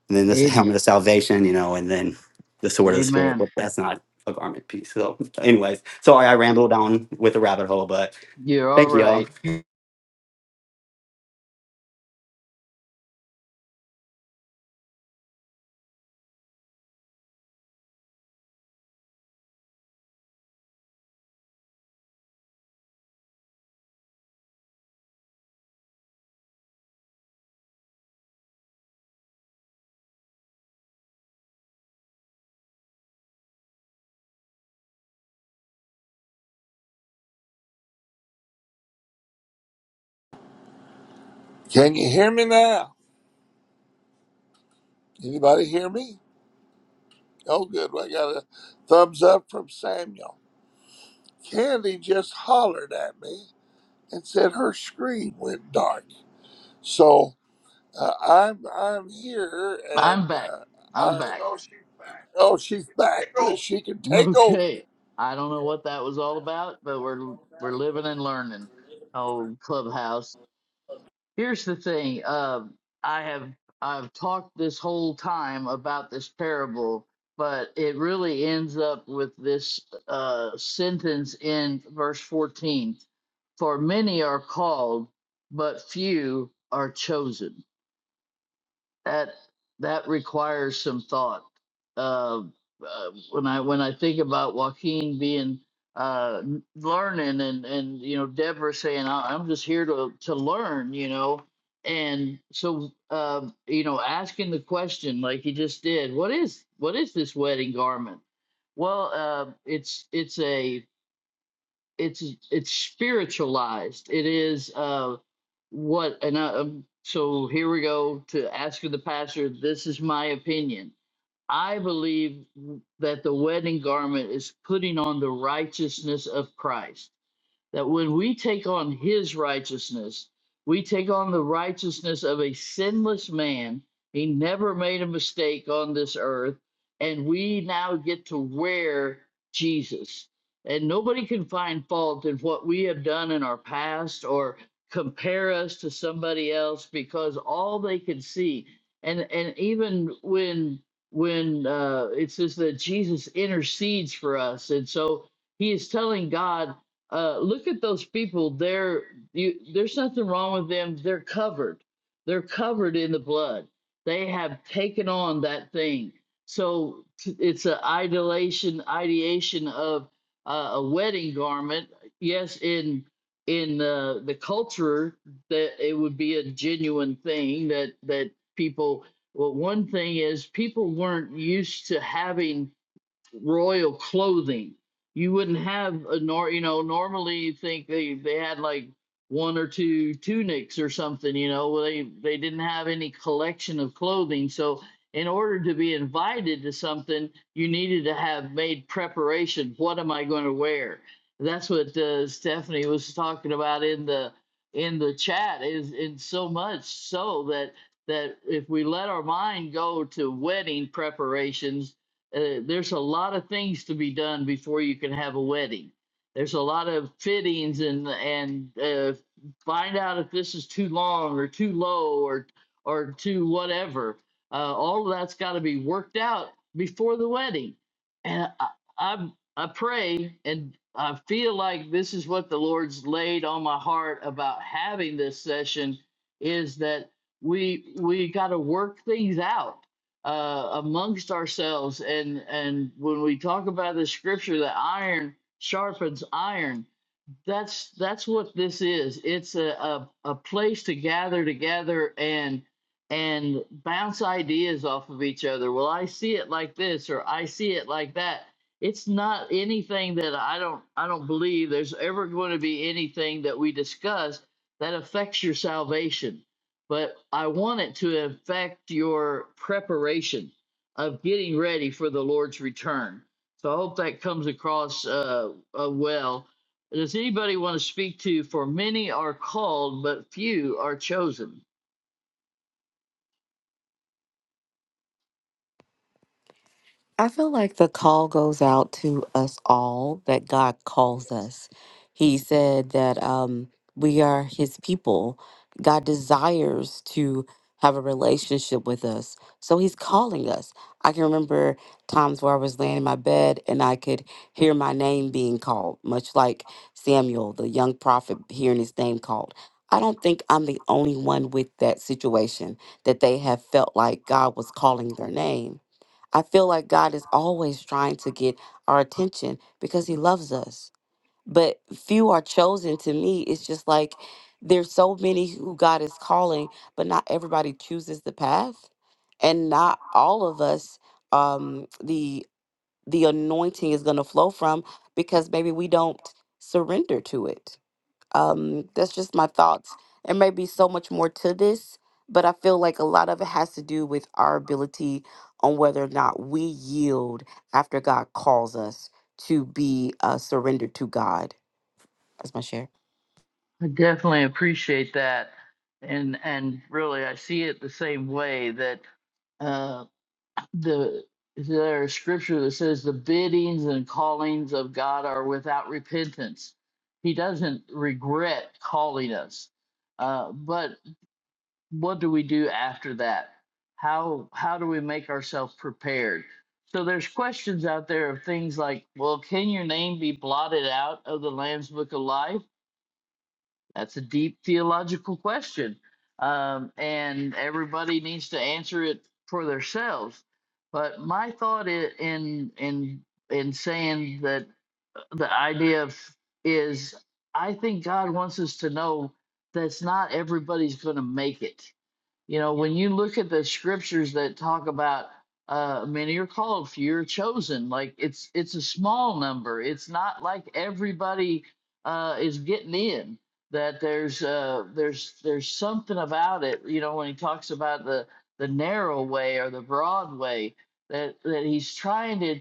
[SPEAKER 7] And then this
[SPEAKER 1] Amen.
[SPEAKER 7] helmet of salvation, you know, and then the sword of the spirit,
[SPEAKER 1] Amen.
[SPEAKER 7] but that's not a garment piece. So anyways, sorry I rambled down with a rabbit hole, but
[SPEAKER 1] You're all
[SPEAKER 7] thank you all.
[SPEAKER 1] right.
[SPEAKER 2] Can you hear me now? Anybody hear me? Oh, good. Well, I got a thumbs up from Samuel. Candy just hollered at me and said her screen went dark. So uh, I'm I'm here,
[SPEAKER 1] I'm
[SPEAKER 2] and
[SPEAKER 1] back.
[SPEAKER 2] uh,
[SPEAKER 1] I'm
[SPEAKER 2] I
[SPEAKER 1] back. Oh, she's back.
[SPEAKER 2] oh she's back. Good, she can take over.
[SPEAKER 1] Okay. I don't know what that was all about, but we're we're living and learning. Oh, Clubhouse. Here's the thing. Um, I have I've talked this whole time about this parable, but it really ends up with this uh, sentence in verse 14: "For many are called, but few are chosen." that that requires some thought. Uh, uh, when I when I think about Joaquin being uh, learning and and you know Deborah saying "I- I'm just here to to learn, you know, and so uh, you know asking the question like he just did, what is what is this wedding garment? Well, uh, it's it's a it's it's spiritualized. It is uh what and I, um, so here we go to ask of the pastor. This is my opinion. I believe that the wedding garment is putting on the righteousness of Christ that when we take on his righteousness, we take on the righteousness of a sinless man. He never made a mistake on this earth, and we now get to wear Jesus. And nobody can find fault in what we have done in our past or compare us to somebody else because all they can see and and even when when uh, it says that Jesus intercedes for us, and so he is telling God uh, look at those people. They're you, there's nothing wrong with them. They're covered. They're covered in the blood. They have taken on that thing. So t- it's an idolation, ideation of uh, a wedding garment. Yes, in in uh, the culture, that it would be a genuine thing that that people. Well, one thing is people weren't used to having royal clothing. You wouldn't have a nor you know normally you think they they had like one or two tunics or something you know well, they they didn't have any collection of clothing so in order to be invited to something you needed to have made preparation what am i going to wear that's what uh, stephanie was talking about in the in the chat is in so much so that that if we let our mind go to wedding preparations uh, there's a lot of things to be done before you can have a wedding. There's a lot of fittings and and uh, find out if this is too long or too low or or too whatever. Uh, all of that's got to be worked out before the wedding. And I, I I pray and I feel like this is what the Lord's laid on my heart about having this session is that we we got to work things out uh, amongst ourselves. And and when we talk about the scripture, that iron sharpens iron, that's that's what this is. It's a, a a place to gather together and and bounce ideas off of each other. Well, I see it like this, or I see it like that. It's not anything that I don't I don't believe there's ever going to be anything that we discuss that affects your salvation. But I want it to affect your preparation of getting ready for the Lord's return. So I hope that comes across uh, uh well does anybody want to speak to for many are called, but few are chosen?
[SPEAKER 5] I feel like the call goes out to us all that God calls us. He said that um, we are His people. God desires to have a relationship with us. So He's calling us. I can remember times where I was laying in my bed and I could hear my name being called, much like Samuel, the young prophet, hearing his name called. I don't think I'm the only one with that situation that they have felt like God was calling their name. I feel like God is always trying to get our attention because he loves us. But few are chosen to me. It's just like there's so many who God is calling, but not everybody chooses the path. And not all of us um the the anointing is going to flow from because maybe we don't surrender to it um, that's just my thoughts. There may be so much more to this, but I feel like a lot of it has to do with our ability on whether or not we yield after God calls us to be uh, surrendered to God. That's my share.
[SPEAKER 1] I definitely appreciate that. And and really I see it the same way that uh the there's scripture that says the biddings and callings of God are without repentance. He doesn't regret calling us. Uh, but what do we do after that how how do we make ourselves prepared so there's questions out there of things like well can your name be blotted out of the lamb's book of life that's a deep theological question um, and everybody needs to answer it for themselves but my thought in in in saying that the idea of is i think god wants us to know that's not everybody's going to make it you know, when you look at the scriptures that talk about uh many are called, few are chosen, like it's it's a small number. It's not like everybody uh is getting in. That there's uh there's there's something about it, you know, when he talks about the the narrow way or the broad way that that he's trying to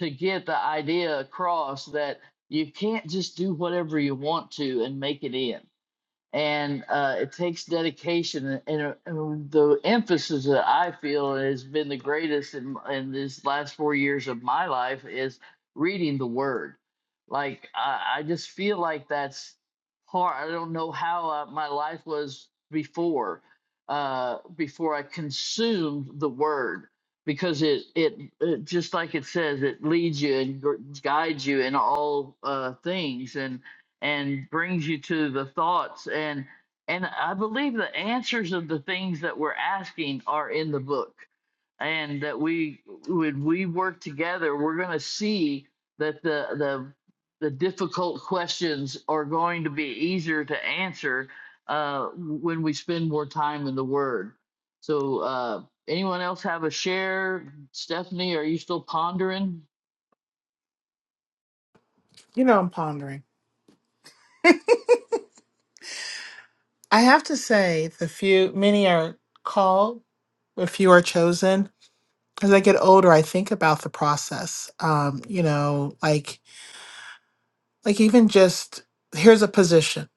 [SPEAKER 1] to get the idea across that you can't just do whatever you want to and make it in and uh, it takes dedication and, uh, and the emphasis that i feel has been the greatest in, in this last four years of my life is reading the word like i, I just feel like that's hard i don't know how uh, my life was before uh, before i consumed the word because it, it it just like it says it leads you and gr- guides you in all uh, things and brings you to the thoughts and and I believe the answers of the things that we're asking are in the book and that we when we work together we're going to see that the the the difficult questions are going to be easier to answer uh, when we spend more time in the Word. So, uh, anyone else have a share? Stephanie, are you still pondering?
[SPEAKER 3] You know, I'm pondering. I have to say, the few, many are called, a few are chosen. As I get older, I think about the process. Um, you know, like, like even just here's a position,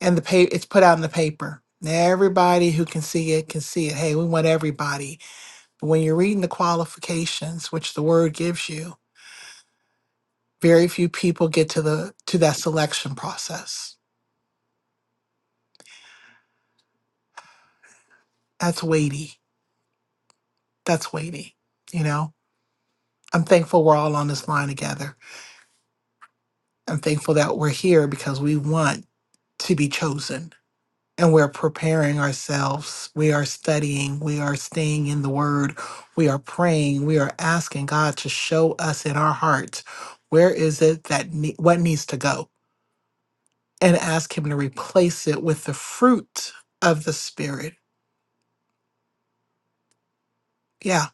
[SPEAKER 3] and the pay it's put out in the paper. Everybody who can see it can see it. Hey, we want everybody. But when you're reading the qualifications, which the word gives you, very few people get to the to that selection process. That's weighty. That's weighty. You know, I'm thankful we're all on this line together I'm thankful that we're here because we want to be chosen and we're preparing ourselves. We are studying, we are staying in the word, we are praying, we are asking God to show us in our hearts where is it that ne- what needs to go and ask him to replace it with the fruit of the spirit. Yeah,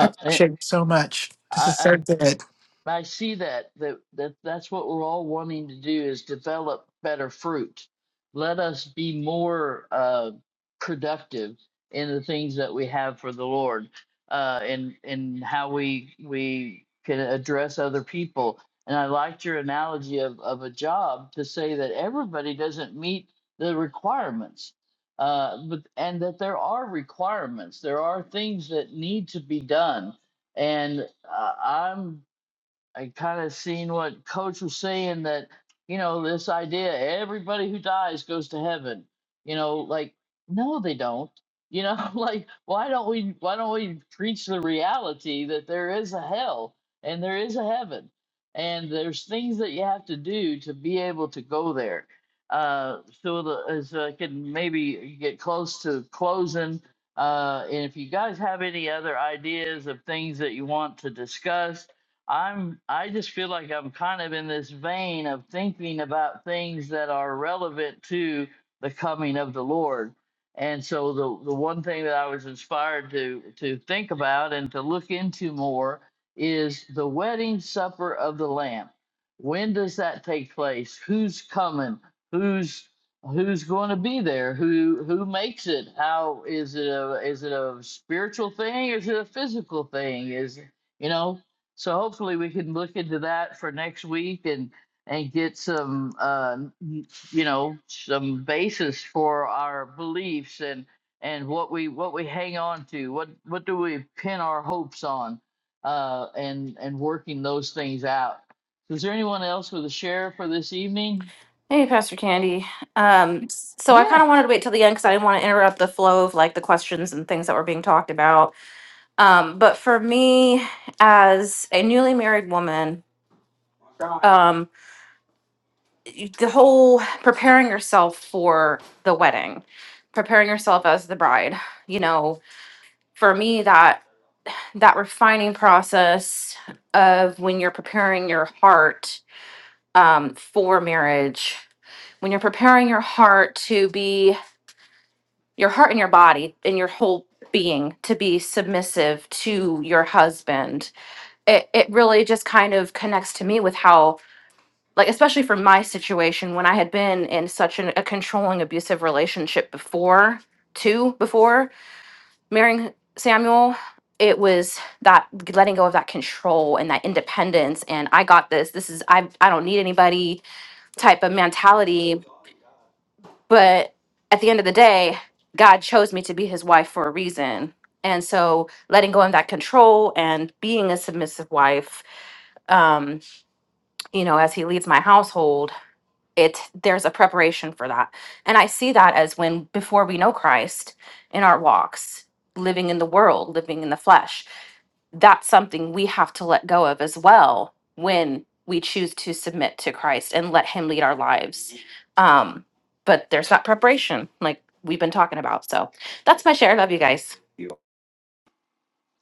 [SPEAKER 3] I
[SPEAKER 1] I,
[SPEAKER 3] appreciate it so much. This is
[SPEAKER 1] I,
[SPEAKER 3] so good.
[SPEAKER 1] But I see that, that that that's what we're all wanting to do is develop better fruit. Let us be more uh, productive in the things that we have for the Lord, uh, and and how we we can address other people. And I liked your analogy of of a job to say that everybody doesn't meet the requirements, uh, but and that there are requirements. There are things that need to be done and uh, I'm I kind of seen what Coach was saying that you know this idea everybody who dies goes to heaven. You know, like no, they don't. You know, like why don't we why don't we preach the reality that there is a hell and there is a heaven and there's things that you have to do to be able to go there. Uh, so the, as I can maybe get close to closing, uh, and if you guys have any other ideas of things that you want to discuss I'm I just feel like I'm kind of in this vein of thinking about things that are relevant to the coming of the Lord. And so the the one thing that I was inspired to to think about and to look into more is the wedding supper of the lamb. When does that take place? Who's coming? Who's who's going to be there? Who who makes it? How is it a is it a spiritual thing? Is it a physical thing? Is you know so hopefully we can look into that for next week and and get some uh, n- you know some basis for our beliefs and and what we what we hang on to what what do we pin our hopes on uh, and and working those things out. Is there anyone else with a share for this evening?
[SPEAKER 7] Hey, Pastor Candy. Um, so I kind
[SPEAKER 1] Yeah.
[SPEAKER 7] of wanted to wait till the end because I didn't want to interrupt the flow of like the questions and things that were being talked about. Um, but for me, as a newly married woman, um, the whole preparing yourself for the wedding, preparing yourself as the bride, you know, for me that that refining process of when you're preparing your heart um, for marriage, when you're preparing your heart to be your heart and your body and your whole being to be submissive to your husband it, it really just kind of connects to me with how like especially for my situation when i had been in such an, a controlling abusive relationship before too before marrying samuel it was that letting go of that control and that independence and i got this this is i i don't need anybody type of mentality but at the end of the day, God chose me to be his wife for a reason. And so letting go of that control and being a submissive wife, um, you know, as he leads my household it there's a preparation for that and i see that as when before we know christ in our walks living in the world living in the flesh that's something we have to let go of as well when we choose to submit to christ and let him lead our lives um but there's that preparation like we've been talking about so that's my share love you guys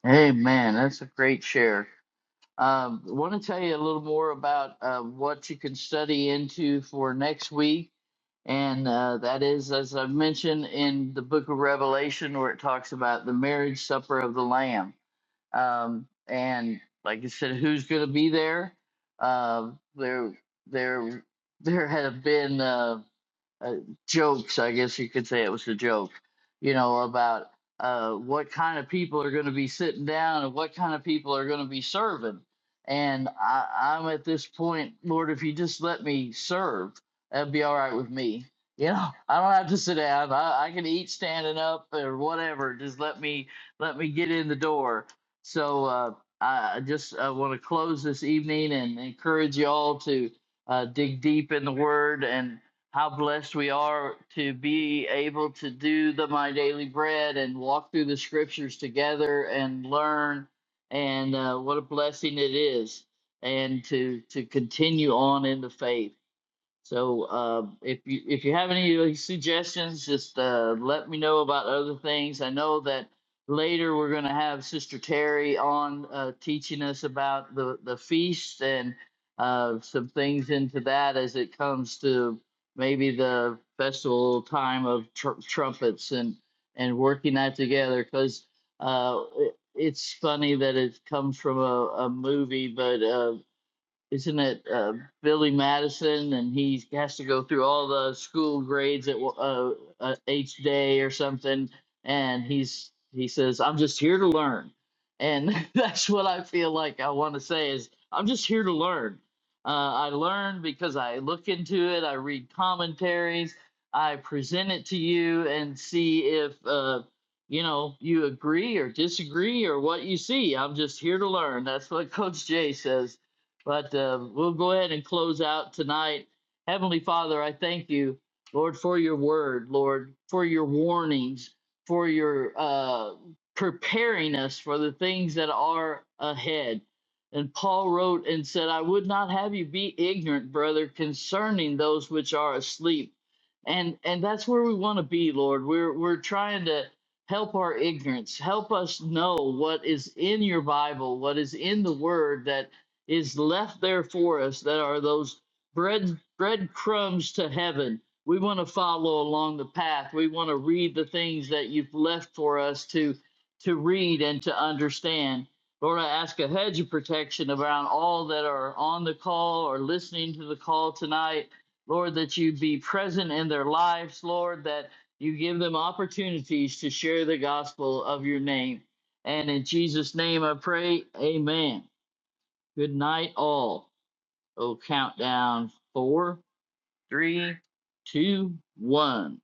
[SPEAKER 1] Hey man, that's a great share. Um, want to tell you a little more about uh, what you can study into for next week And uh, that is, as I've mentioned in the book of Revelation, where it talks about the marriage supper of the Lamb. Um, and like I said, who's going to be there? Uh, there, there, there have been. uh, uh, jokes, I guess you could say it was a joke, you know, about uh, what kind of people are going to be sitting down and what kind of people are going to be serving. And I, I'm at this point, Lord, if you just let me serve, that'd be all right with me. You know, I don't have to sit down. I, I can eat standing up or whatever. Just let me let me get in the door. So uh, I I just uh, want to close this evening and encourage you all to uh, dig deep in the Word and how blessed we are to be able to do the My Daily Bread and walk through the scriptures together and learn. And uh, what a blessing it is, and to to continue on in the faith. So uh, if you if you have any of suggestions, just uh, let me know about other things. I know that later we're going to have Sister Terry on uh, teaching us about the the feast and uh, some things into that as it comes to maybe the festival time of tr- trumpets and and working that together because uh, it, it's funny that it comes from a, a movie, but uh, isn't it uh, Billy Madison, and he has to go through all the school grades at uh, uh, each day or something, and he's he says, "I'm just here to learn," and that's what I feel like I want to say is, "I'm just here to learn." Uh, I learn because I look into it, I read commentaries, I present it to you, and see if uh, you know you agree or disagree or what you see. I'm just here to learn. That's what Coach Jay says but uh, we'll go ahead and close out tonight. Heavenly Father, I thank you, Lord, for your word, Lord, for your warnings, for your uh, preparing us for the things that are ahead. And Paul wrote and said, I would not have you be ignorant, brother, concerning those which are asleep. And and that's where we want to be, Lord. We're we're trying to help our ignorance. Help us know what is in your Bible, what is in the word that is left there for us that are those bread breadcrumbs to heaven. We want to follow along the path. We want to read the things that you've left for us to to read and to understand. Lord, I ask a hedge of protection around all that are on the call or listening to the call tonight. Lord, that you be present in their lives, Lord, that you give them opportunities to share the gospel of your name. And in Jesus' name I pray, amen. Good night, all. We'll count down four, three, two, one.